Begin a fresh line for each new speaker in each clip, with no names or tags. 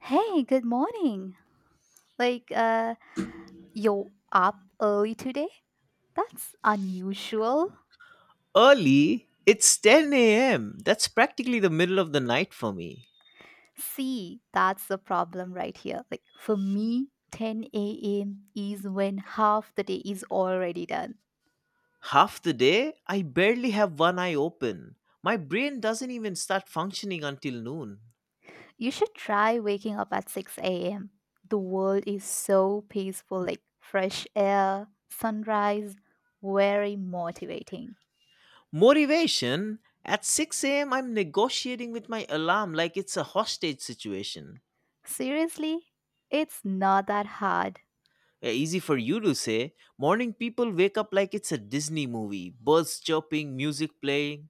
Hey, good morning. Like, uh, you're up early today? That's unusual.
Early? It's 10 a.m. That's practically the middle of the night for me.
See, that's the problem right here. Like, for me, 10 a.m. is when half the day is already done.
Half the day, I barely have one eye open. My brain doesn't even start functioning until noon.
You should try waking up at 6 a.m. The world is so peaceful, like, fresh air, sunrise, very motivating.
Motivation? At 6 a.m., I'm negotiating with my alarm like it's a hostage situation.
Seriously, it's not that hard.
Yeah, easy for you to say. Morning people wake up like it's a Disney movie, birds chirping, music playing.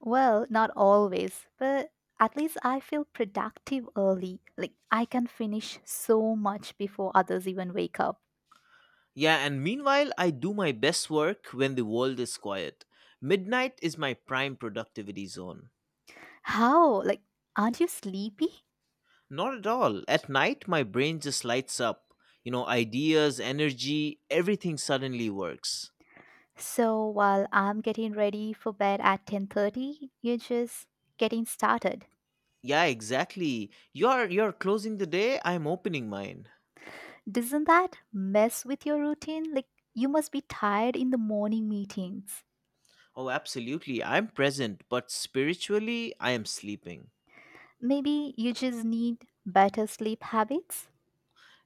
Well, not always, but at least I feel productive early. Like I can finish so much before others even wake up.
Yeah, and meanwhile, I do my best work when the world is quiet. Midnight is my prime productivity zone.
How? Like aren't you sleepy?
Not at all. At night, my brain just lights up. You know, ideas, energy, everything suddenly works.
So while I'm getting ready for bed at 10:30, you're just getting started.
Yeah, exactly. You're closing the day, I'm opening mine.
Doesn't that mess with your routine? Like you must be tired in the morning meetings.
Oh, absolutely. I'm present, but spiritually, I am sleeping.
Maybe you just need better sleep habits?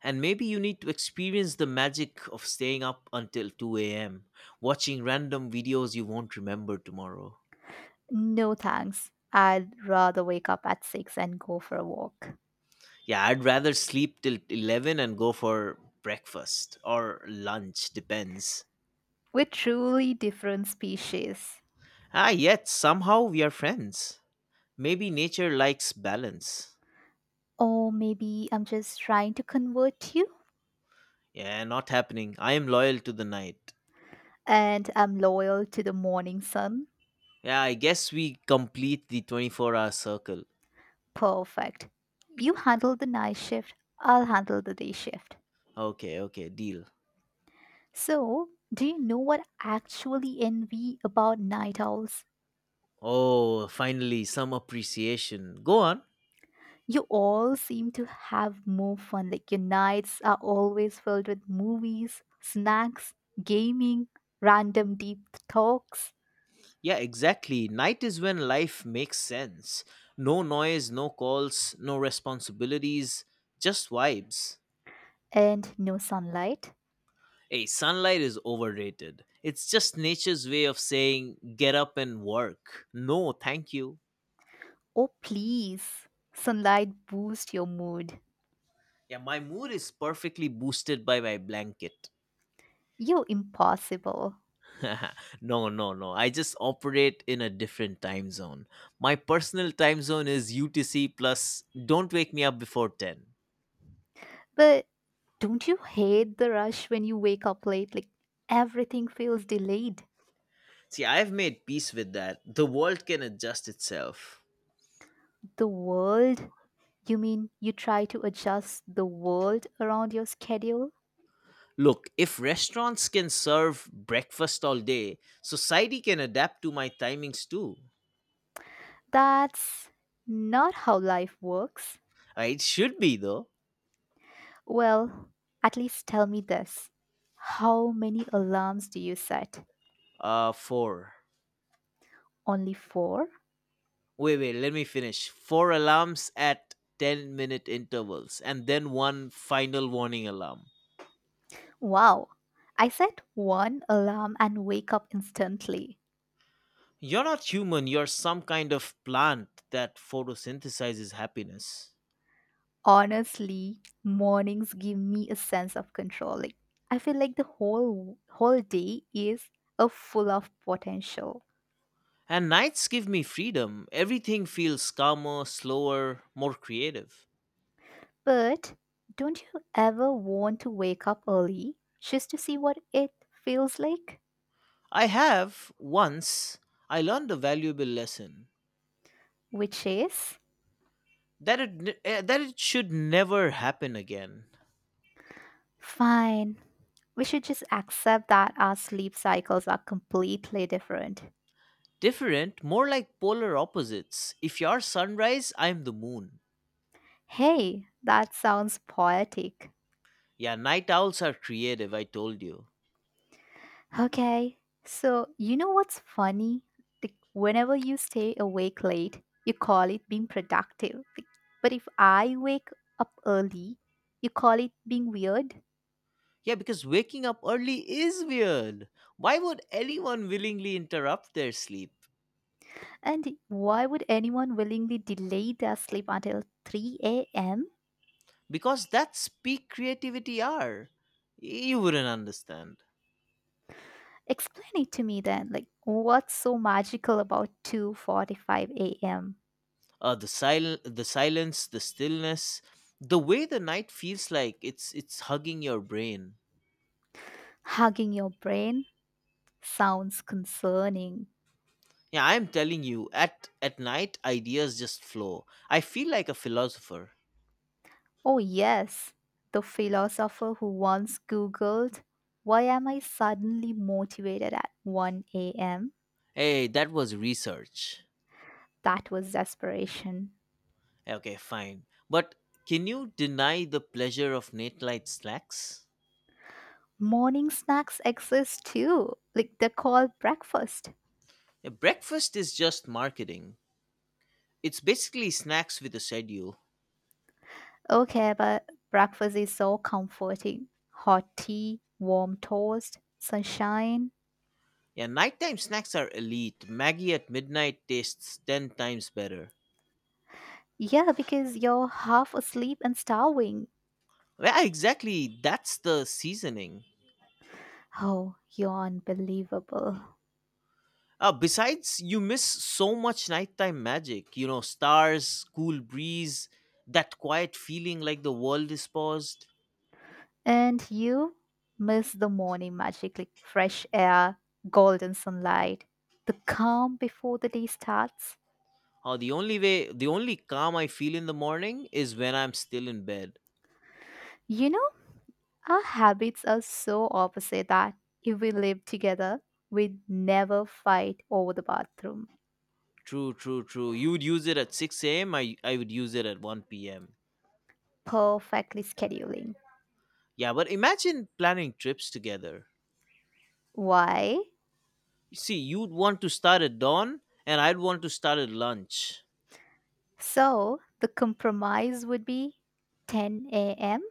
And maybe you need to experience the magic of staying up until 2 a.m., watching random videos you won't remember tomorrow.
No thanks. I'd rather wake up at 6 and go for a walk.
Yeah, I'd rather sleep till 11 and go for breakfast or lunch, depends.
We're truly different species.
Ah, yet somehow we are friends. Maybe nature likes balance.
Or maybe I'm just trying to convert you,
Yeah, not happening. I am loyal to the night.
and I'm loyal to the morning sun.
Yeah, I guess we complete the 24-hour circle.
Perfect. You handle the night shift, I'll handle the day shift.
Okay, okay, deal.
So, do you know what I actually envy about night owls?
Oh, finally, some appreciation. Go on.
You all seem to have more fun, like your nights are always filled with movies, snacks, gaming, random deep talks,
Yeah, exactly. Night is when life makes sense. No noise, no calls, no responsibilities, just vibes.
and no sunlight.
Hey, sunlight is overrated. It's just nature's way of saying, get up and work. No, thank you.
Oh, please. Sunlight boosts your mood.
Yeah, my mood is perfectly boosted by my blanket.
You're impossible.
No, no, no. I just operate in a different time zone. My personal time zone is UTC plus don't wake me up before 10.
But don't you hate the rush when you wake up late? Like everything feels delayed.
See, I've made peace with that. The world can adjust itself.
The world, you mean you try to adjust the world around your schedule?
Look, if restaurants can serve breakfast all day, society can adapt to my timings too.
That's not how life works.
It should be though.
Well, at least tell me this. How many alarms do you set?
Four.
Only four?
Wait, wait. Let me finish. Four alarms at ten-minute intervals, and then one final warning alarm.
Wow. I set one alarm and wake up instantly.
You're not human. You're some kind of plant that photosynthesizes happiness.
Honestly, mornings give me a sense of control. Like I feel like the whole day is a full of potential.
And nights give me freedom. Everything feels calmer, slower, more creative.
But don't you ever want to wake up early just to see what it feels like?
I have once. I learned a valuable lesson
Which is
that that it should never happen again.
fine. We should just accept that our sleep cycles are completely different.
Different, more like polar opposites. If you're sunrise, I'm the moon.
Hey, that sounds poetic.
Yeah, night owls are creative, I told you.
Okay. So, you know what's funny? Like, whenever you stay awake late, you call it being productive. Like, but if I wake up early, you call it being weird.
Yeah, because waking up early is weird. Why would anyone willingly interrupt their sleep?
And why would anyone willingly delay their sleep until 3 a.m.?
Because that's peak creativity hour. You wouldn't understand.
Explain it to me then. Like, what's so magical about 2:45 a.m.?
The silence, the stillness, the way the night feels like it's hugging your brain.
Hugging your brain sounds concerning.
Yeah, I'm telling you, at night ideas just flow. I feel like a philosopher.
Oh, yes, the philosopher who once Googled, "Why am I suddenly motivated at 1 a.m.?"
Hey, that was research.
That was desperation.
Okay, fine. But can you deny the pleasure of late night snacks?
Morning snacks exist too, like they're called breakfast.
A breakfast is just marketing. It's basically snacks with a schedule.
Okay, but breakfast is so comforting: hot tea, warm toast, sunshine.
Yeah, nighttime snacks are elite. Maggie at midnight tastes 10 times better.
Yeah, because you're half asleep and starving.
Yeah, exactly. That's the seasoning.
Oh, you're unbelievable.
Besides, you miss so much nighttime magic. You know, stars, cool breeze, that quiet feeling like the world is paused.
And you miss the morning magic like fresh air, golden sunlight, the calm before the day starts.
Oh, the only way, the only calm I feel in the morning is when I'm still in bed.
You know, our habits are so opposite that if we live together, we'd never fight over the bathroom,
True, true, true. You would use it at 6 a.m. I would use it at 1 p.m.
perfectly scheduling.
Yeah, but imagine planning trips together.
Why?
See, you'd want to start at dawn and I'd want to start at lunch.
So, the compromise would be 10 a.m.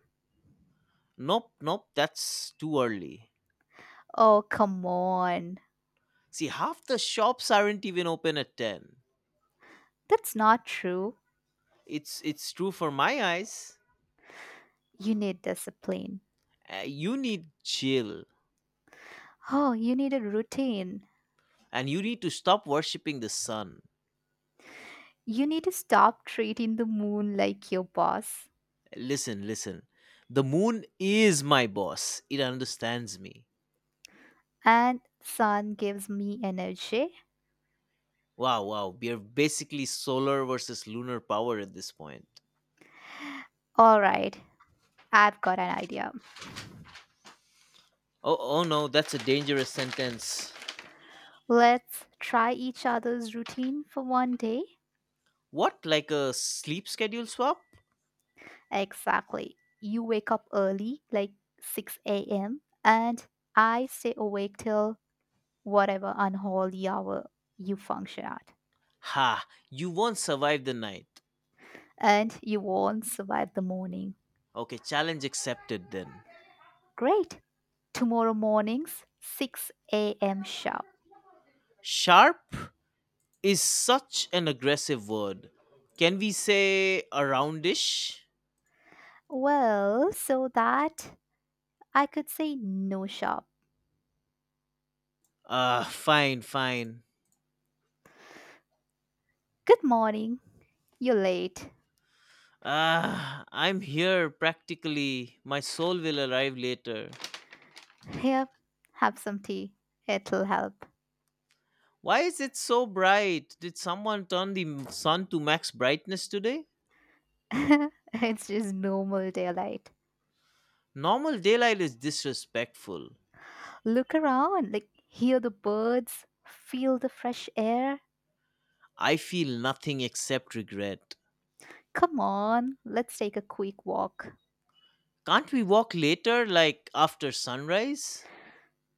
Nope, nope, that's too early.
Oh, come on.
See, half the shops aren't even open at 10.
That's not true.
It's true for my eyes.
You need discipline.
You need chill
Oh, you need a routine.
and you need to stop worshipping the sun.
You need to stop treating the moon like your boss.
Listen, listen. The moon is my boss. It understands me.
And sun gives me energy.
Wow, wow. We are basically solar versus lunar power at this point.
All right, I've got an idea.
Oh, oh no, that's a dangerous sentence.
Let's try each other's routine for one day.
What, like a sleep schedule swap?
Exactly. You wake up early, like 6 a.m., and I stay awake till whatever unholy hour you function at.
Ha, you won't survive the night.
And you won't survive the morning.
Okay, challenge accepted then.
Great. Tomorrow morning's 6 a.m. sharp.
Sharp is such an aggressive word. Can we say aroundish?
Well, so that I could say no shop.
Fine, fine.
Good morning. You're late.
Ah, I'm here practically. My soul will arrive later.
Here, have some tea. It'll help.
Why is it so bright? Did someone turn the sun to max brightness today?
It's just normal daylight.
Normal daylight is disrespectful.
Look around, like hear the birds, feel the fresh air.
I feel nothing except regret.
Come on, let's take a quick walk.
Can't we walk later, like after sunrise?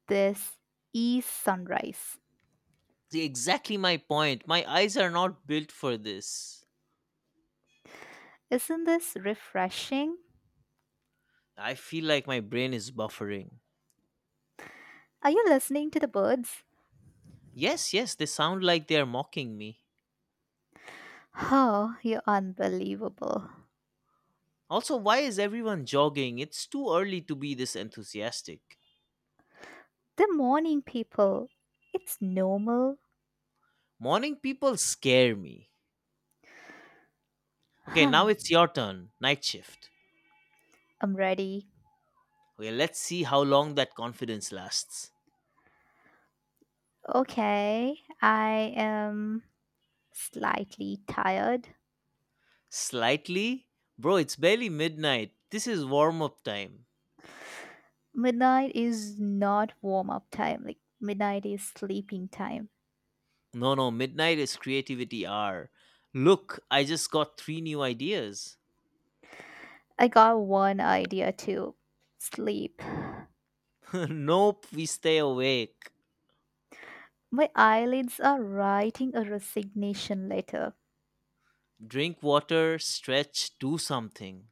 This is sunrise.
See, exactly my point. My eyes are not built for this.
Isn't this refreshing?
I feel like my brain is buffering.
Are you listening to the birds?
Yes, yes, they sound like they are mocking me.
Oh, you're unbelievable.
Also, why is everyone jogging? It's too early to be this enthusiastic.
The morning people. It's normal.
Morning people scare me. Okay,
Hmm.
now it's your turn. Night shift.
I'm ready.
Okay, let's see how long that confidence lasts.
Okay, I am slightly tired.
Slightly? Bro, it's barely midnight. This is warm up time.
Midnight is not warm up time, like, midnight is sleeping time.
No, no, midnight is creativity hour. Look, I just got three new ideas.
I got one idea too: sleep.
Nope, we stay awake.
My eyelids are writing a resignation letter.
Drink water, stretch, do something.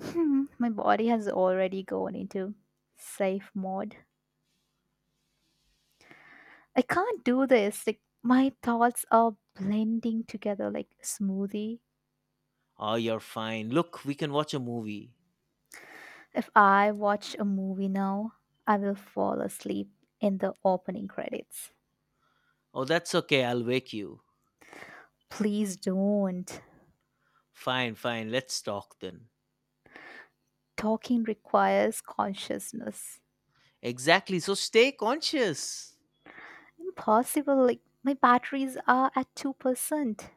My body has already gone into safe mode. I can't do this. Like my thoughts are blending together like smoothie.
Oh, you're fine. Look, we can watch a movie.
If I watch a movie now, I will fall asleep in the opening credits.
Oh, that's okay. I'll wake you.
Please don't.
Fine, fine. Let's talk then.
Talking requires consciousness.
Exactly. So stay conscious.
Impossible. Like my batteries are at 2%.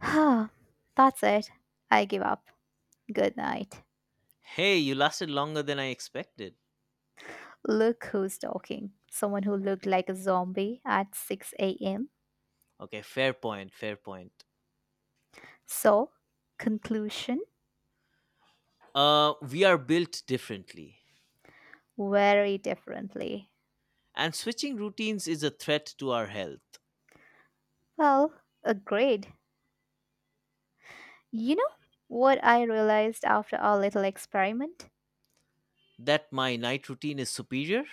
That's it. I give up. Good night.
Hey, you lasted longer than I expected.
Look who's talking. Someone who looked like a zombie at 6 a.m.
Okay, fair point. Fair point.
So, conclusion.
We are built differently.
Very differently.
And switching routines is a threat to our health.
Well, agreed. You know what I realized after our little experiment?
That my night routine is superior?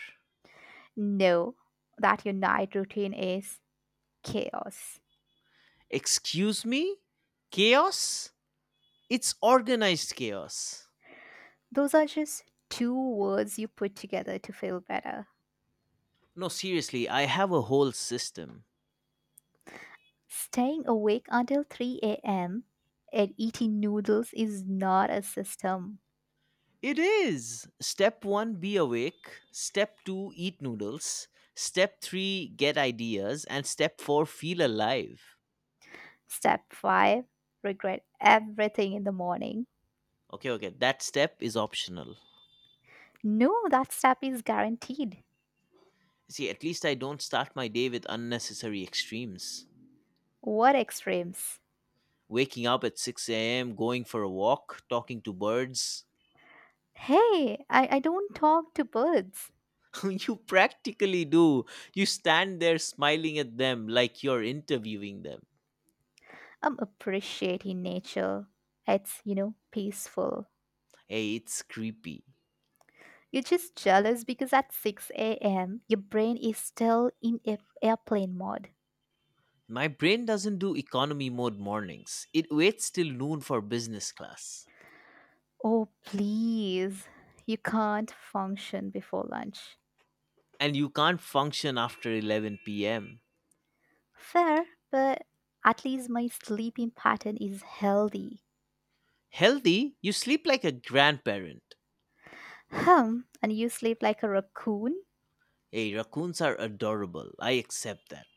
No, that your night routine is chaos.
Excuse me? Chaos? It's organized chaos.
Those are just two words you put together to feel better.
No, seriously, I have a whole system.
Staying awake until 3 a.m. and eating noodles is not a system.
It is. Step one, be awake. Step two, eat noodles. Step three, get ideas. And step four, feel alive.
Step 5: regret everything in the morning.
Okay, okay. That step is optional.
No, that step is guaranteed.
See, at least I don't start my day with unnecessary extremes.
What extremes?
Waking up at 6 a.m., going for a walk, talking to birds.
Hey, I don't talk to birds.
You practically do. You stand there smiling at them like you're interviewing them.
I'm appreciating nature. It's peaceful.
Hey, it's creepy.
You're just jealous because at 6 a.m., your brain is still in airplane mode.
My brain doesn't do economy mode mornings. It waits till noon for business class.
Oh, please. You can't function before lunch.
And you can't function after 11 pm.
Fair, but at least my sleeping pattern is healthy.
Healthy, you sleep like a grandparent.
And you sleep like a raccoon?
Hey, raccoons are adorable. I accept that.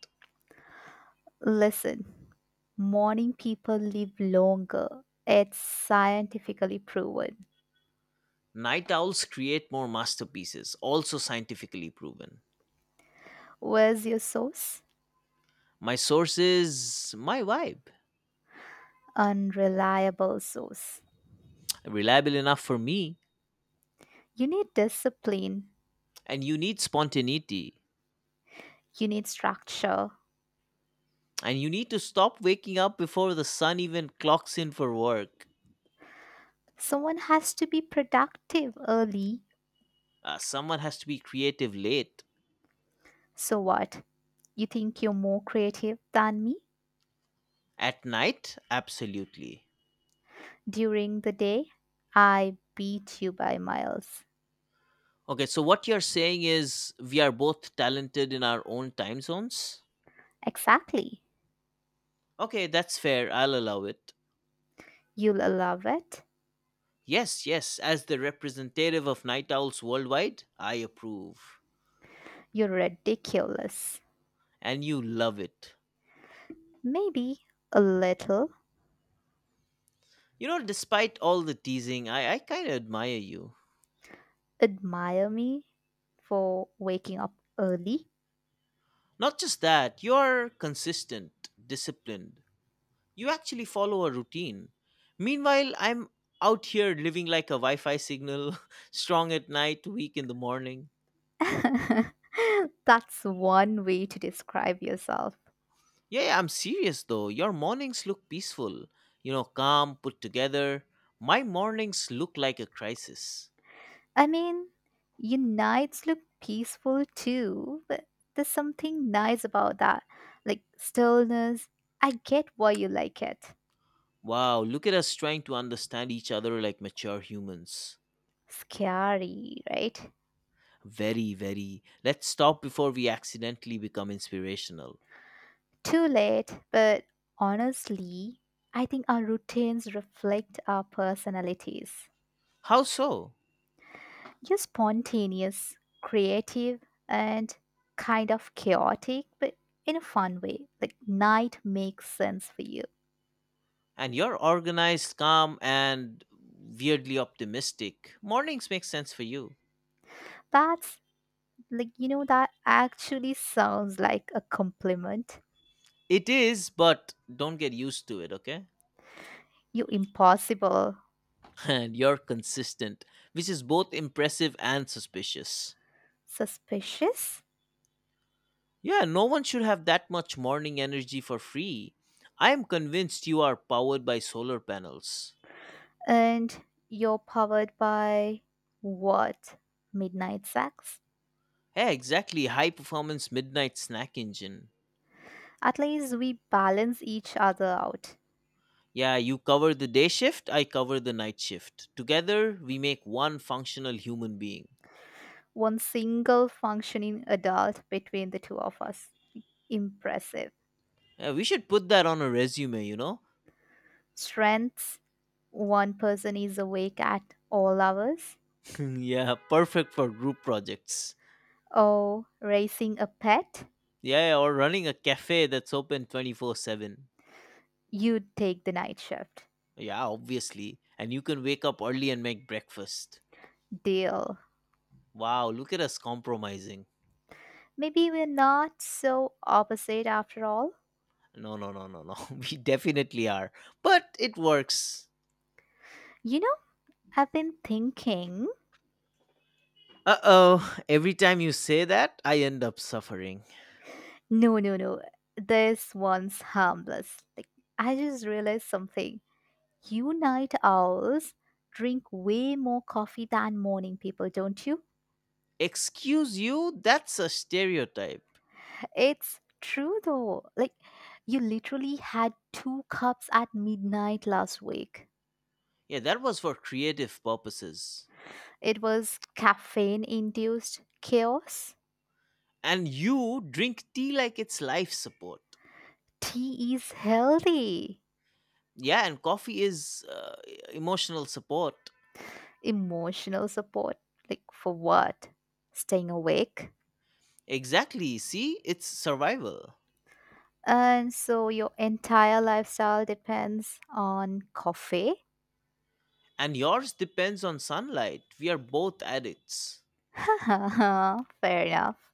Listen, morning people live longer. It's scientifically proven.
Night owls create more masterpieces, also scientifically proven.
Where's your source?
My source is my vibe,
Unreliable source.
reliable enough for me.
You need discipline,
And you need spontaneity.
you need structure.
And you need to stop waking up before the sun even clocks in for work.
Someone has to be productive early.
Someone has to be creative late
So what? You think you're more creative than me?
at night. Absolutely.
During the day, I beat you by miles.
Okay, so what you're saying is we are both talented in our own time zones?
Exactly.
Okay, that's fair. I'll allow it.
You'll love it.
Yes, yes. As the representative of night owls worldwide, I approve.
You're ridiculous.
And you love it.
Maybe a little.
You know, despite all the teasing, I kind of admire you.
Admire me for waking up early?
Not just that, you're consistent, disciplined, you actually follow a routine. Meanwhile, I'm out here living like a Wi Fi signal, strong at night, weak in the morning.
That's one way to describe yourself.
Yeah, yeah, I'm serious though. Your mornings look peaceful, you know, calm, put together. My mornings look like a crisis.
I mean, your nights look peaceful too, but there's something nice about that. Like stillness. I get why you like it.
Wow, look at us trying to understand each other like mature humans.
Scary, right?
Very, very. Let's stop before we accidentally become inspirational.
Too late, but honestly, I think our routines reflect our personalities.
How so?
You're spontaneous, creative, and kind of chaotic, but in a fun way. Like night makes sense for you.
And you're organized, calm, and weirdly optimistic. Mornings make sense for you.
That's like, that actually sounds like a compliment.
It is, but don't get used to it, okay?
You're impossible,
And you're consistent, which is both impressive and suspicious.
suspicious,
Yeah, no one should have that much morning energy for free. I am convinced you are powered by solar panels.
and you're powered by what? Midnight sex.
Yeah, exactly. High performance midnight snack engine.
At least we balance each other out.
Yeah, you cover the day shift, I cover the night shift. Together, we make one functional human being.
One single functioning adult between the two of us. Impressive.
Yeah, we should put that on a resume, you know?
Strengths: one person is awake at all hours.
Yeah, perfect for group projects.
Oh, raising a pet?
Yeah, yeah, or running a cafe that's open 24/7.
You'd take the night shift.
Yeah, obviously. And you can wake up early and make breakfast.
Deal.
Wow, look at us compromising.
Maybe we're not so opposite after all.
No, no, no, no, no. We definitely are. But it works.
You know, I've been thinking.
Uh oh, every time you say that, I end up suffering.
No, no, no. This one's harmless. Like, I just realized something. You night owls drink way more coffee than morning people, don't you?
Excuse you? That's a stereotype.
It's true though. Like, you literally had two cups at midnight last week.
Yeah, that was for creative purposes.
It was caffeine induced chaos.
And you drink tea like it's life support.
Tea is healthy.
Yeah, and coffee is emotional support.
Emotional support. Like, for what? Staying awake?
Exactly. See, it's survival.
And so your entire lifestyle depends on coffee?
And yours depends on sunlight. We are both addicts.
Fair enough.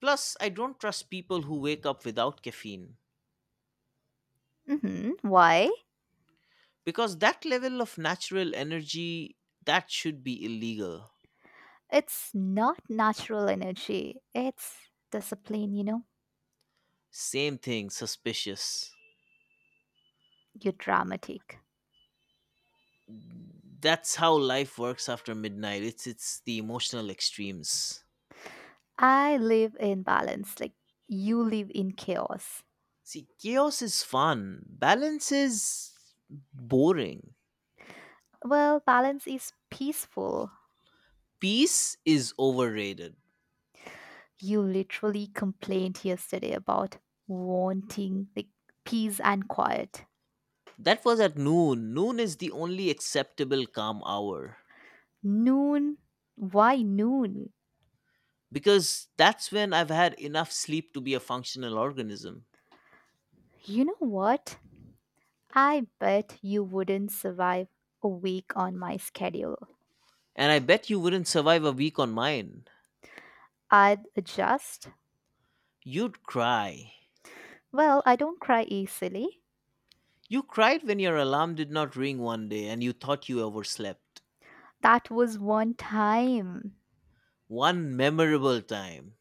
Plus, I don't trust people who wake up without caffeine
Why?
because that level of natural energy that should be illegal.
It's not natural energy, it's discipline, you know?
Same thing, suspicious.
You're dramatic.
That's how life works after midnight. It's the emotional extremes.
I live in balance, like you live in chaos.
See, chaos is fun. Balance is boring.
Well, balance is peaceful.
Peace is overrated.
You literally complained yesterday about wanting, like, peace and quiet.
That was at noon. Noon is the only acceptable calm hour
Noon? Why noon?
because that's when I've had enough sleep to be a functional organism.
You know what? I bet you wouldn't survive a week on my schedule.
And I bet you wouldn't survive a week on mine.
I'd adjust.
You'd cry.
Well, I don't cry easily.
You cried when your alarm did not ring one day and you thought you overslept.
That was one time.
One memorable time.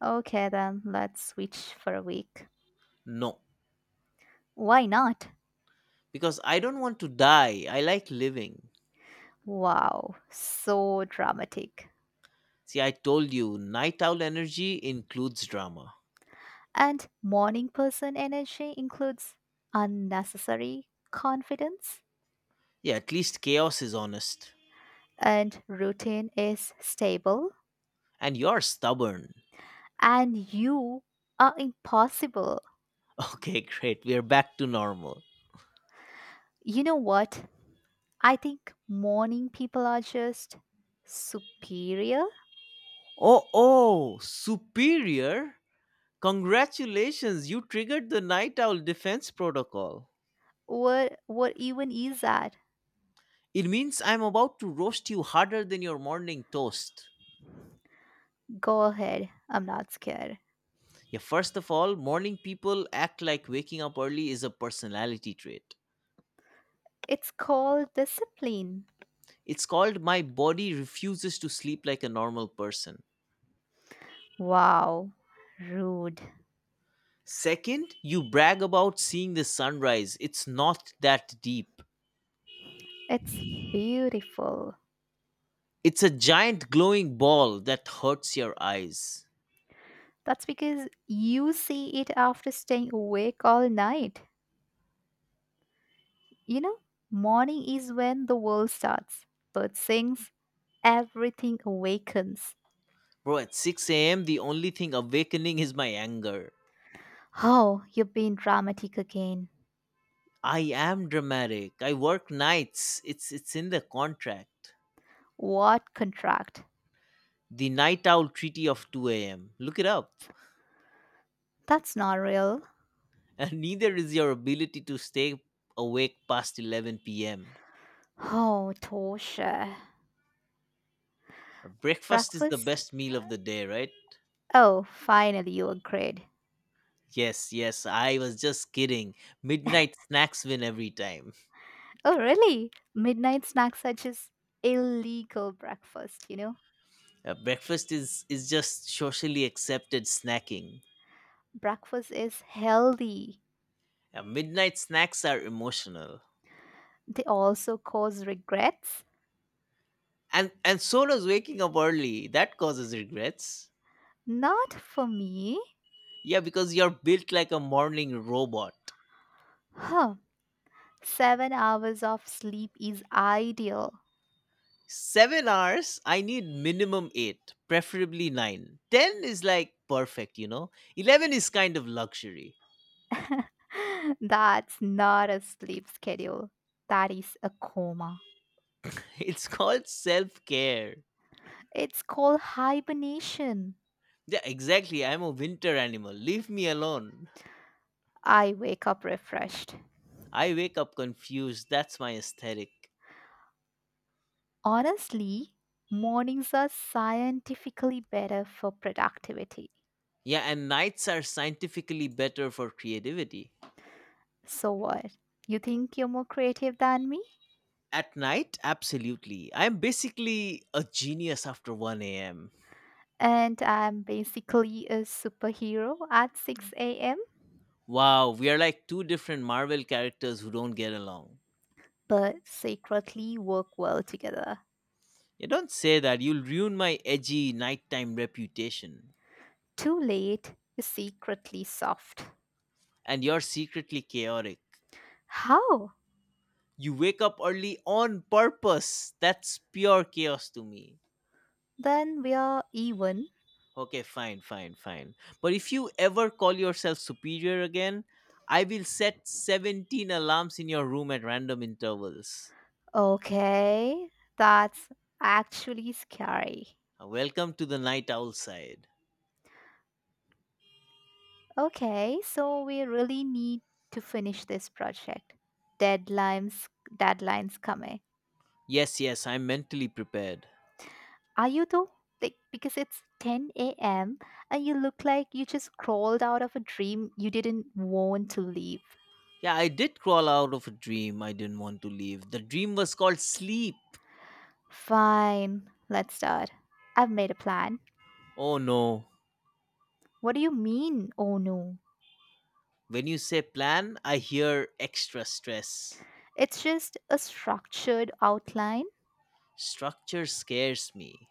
Okay, then let's switch for a week.
No,
Why not?
because I don't want to die. I like living.
Wow, so dramatic.
See, I told you, night owl energy includes drama.
And morning person energy includes unnecessary confidence,
Yeah, at least chaos is honest.
and routine is stable,
And you're stubborn.
and you are impossible.
Okay, great. We're back to normal.
You know what? I think morning people are just superior.
Oh, oh, superior? Congratulations, you triggered the night owl defense protocol.
What even is that?
It means I'm about to roast you harder than your morning toast.
Go ahead. I'm not scared.
Yeah, first of all, morning people act like waking up early is a personality trait.
It's called discipline.
It's called my body refuses to sleep like a normal person.
Wow, rude.
Second, you brag about seeing the sunrise. It's not that deep.
It's beautiful.
It's a giant glowing ball that hurts your eyes.
That's because you see it after staying awake all night. You know, morning is when the world starts. Bird sings, everything awakens.
Bro, at 6 a.m., the only thing awakening is my anger.
Oh, you're being dramatic again.
I am dramatic. I work nights. It's in the contract.
What contract?
The night owl treaty of 2 a.m. Look it up.
That's not real.
And neither is your ability to stay awake past 11 p.m.
Oh, Tosha.
Breakfast is the
Breakfast?
best meal of the day, right?
Oh, finally you agreed.
Yes, yes, I was just kidding. Midnight snacks win every time.
Oh, really? Midnight snacks are just illegal breakfast, you know?
Breakfast is just socially accepted snacking.
Breakfast is healthy.
Midnight snacks are emotional.
They also cause regrets.
And so does waking up early. That causes regrets.
Not for me.
Yeah, because you're built like a morning robot.
Huh. 7 hours of sleep is ideal.
7 hours, I need minimum eight, preferably nine. Ten is like perfect, you know? 11 is kind of luxury.
That's not a sleep schedule. That is a coma.
It's called self care.
It's called hibernation.
Yeah, exactly. I'm a winter animal. Leave me alone.
I wake up refreshed.
I wake up confused. That's my aesthetic.
Honestly, mornings are scientifically better for productivity.
Yeah, and nights are scientifically better for creativity.
So what? You think you're more creative than me?
At night, absolutely. I'm basically a genius after 1 a.m.
And I'm basically a superhero at 6 a.m.,
Wow, we are like two different Marvel characters who don't get along.
but secretly work well together.
You don't say that. You'll ruin my edgy nighttime reputation.
Too late is secretly soft.
And you're secretly chaotic.
How?
You wake up early on purpose. That's pure chaos to me.
Then we are even.
Okay, fine, fine, fine. But if you ever call yourself superior again, I will set 17 alarms in your room at random intervals.
Okay, that's actually scary.
Welcome to the night owl side.
Okay, so we really need to finish this project. Deadlines deadlines coming.
Yes, yes, I'm mentally prepared.
Are you though? Like because it's 10 a.m. and you look like you just crawled out of a dream you didn't want to leave.
Yeah, I did crawl out of a dream I didn't want to leave. The dream was called sleep.
Fine, let's start. I've made a plan.
Oh no.
What do you mean, oh no?
When you say plan, I hear extra stress.
It's just a structured outline.
Structure scares me.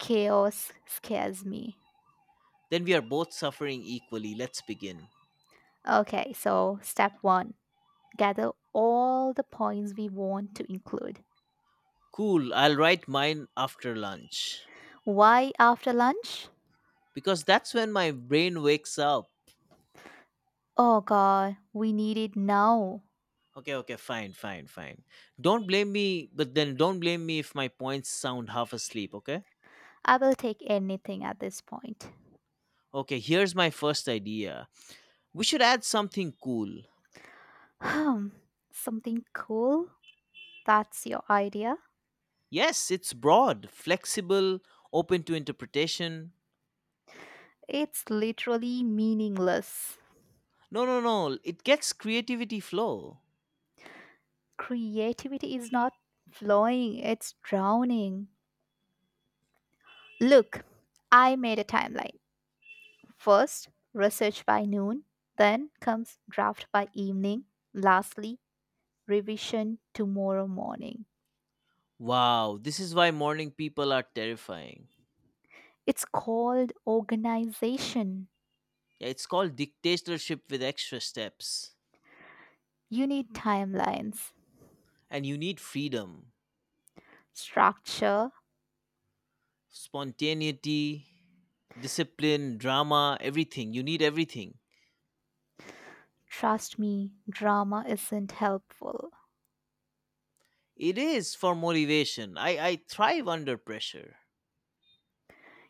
Chaos scares me.
Then we are both suffering equally. Let's begin.
Okay, so step one: gather all the points we want to include.
Cool, I'll write mine after lunch.
Why after lunch?
Because that's when my brain wakes up.
Oh god, we need it now.
Okay, okay, fine, fine, fine. Don't blame me, but then don't blame me if my points sound half asleep, okay?
I will take anything at this point.
Okay, here's my first idea. We should add something cool.
Hmm, Something cool? That's your idea?
Yes, it's broad, flexible, open to interpretation.
It's literally meaningless.
No, no, no. It gets creativity flow.
Creativity is not flowing, it's drowning. Look, I made a timeline. First, research by noon, then comes draft by evening, lastly, revision tomorrow morning.
Wow, this is why morning people are terrifying.
It's called organization.
Yeah, it's called dictatorship with extra steps.
You need timelines,
And you need freedom,
structure.
spontaneity, discipline, drama, everything. You need everything.
Trust me, drama isn't helpful.
It is for motivation. I thrive under pressure.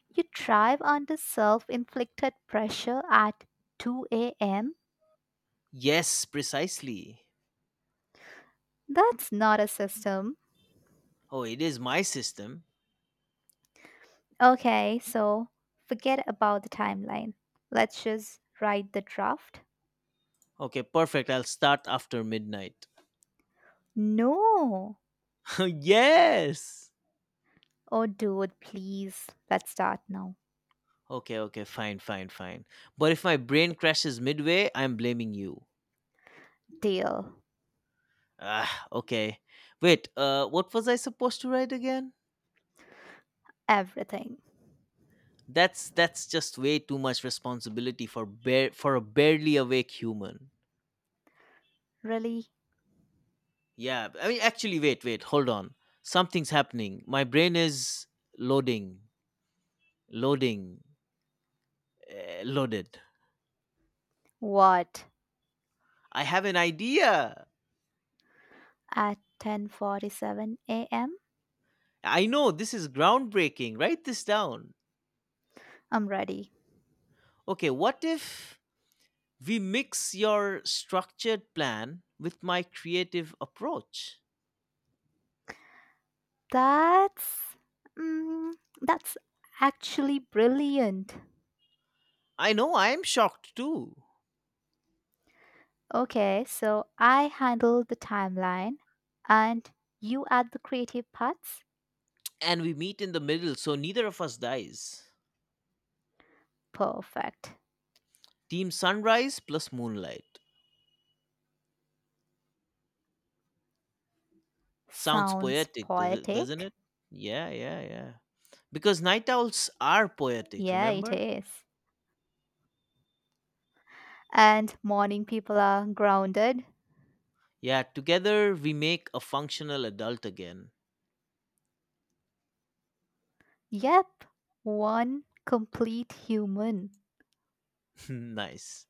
You thrive under self inflicted pressure at 2 a.m.?
Yes, precisely.
That's not a system.
Oh, it is my system.
Okay, so forget about the timeline. Let's just write the draft.
Okay, perfect. I'll start after midnight.
No!
Yes!
Oh, dude, please. Let's start now.
Okay, okay, fine, fine, fine. But if my brain crashes midway, I'm blaming you.
Deal.
Ah, okay. Wait, what was I supposed to write again?
Everything.
That's just way too much responsibility for bare for a barely awake human.
Really?
Yeah, I mean actually wait, wait, hold on. Something's happening. My brain is loading, loading, loaded.
What?
I have an idea.
At 10:47 a.m.?
I know this is groundbreaking. Write this down.
I'm ready.
Okay, what if we mix your structured plan with my creative approach.
That's mm, that's actually brilliant.
I know I am shocked too.
Okay, so I handle the timeline and you add the creative parts.
And we meet in the middle so neither of us dies.
Perfect.
Team sunrise plus moonlight. Sounds
Sounds
poetic, doesn't
poetic.
it? Yeah, yeah, yeah. Because night owls are poetic,
Yeah, it
remember?
is. And morning people are grounded.
Yeah, together we make a functional adult again.
Yep, one complete human.
Nice.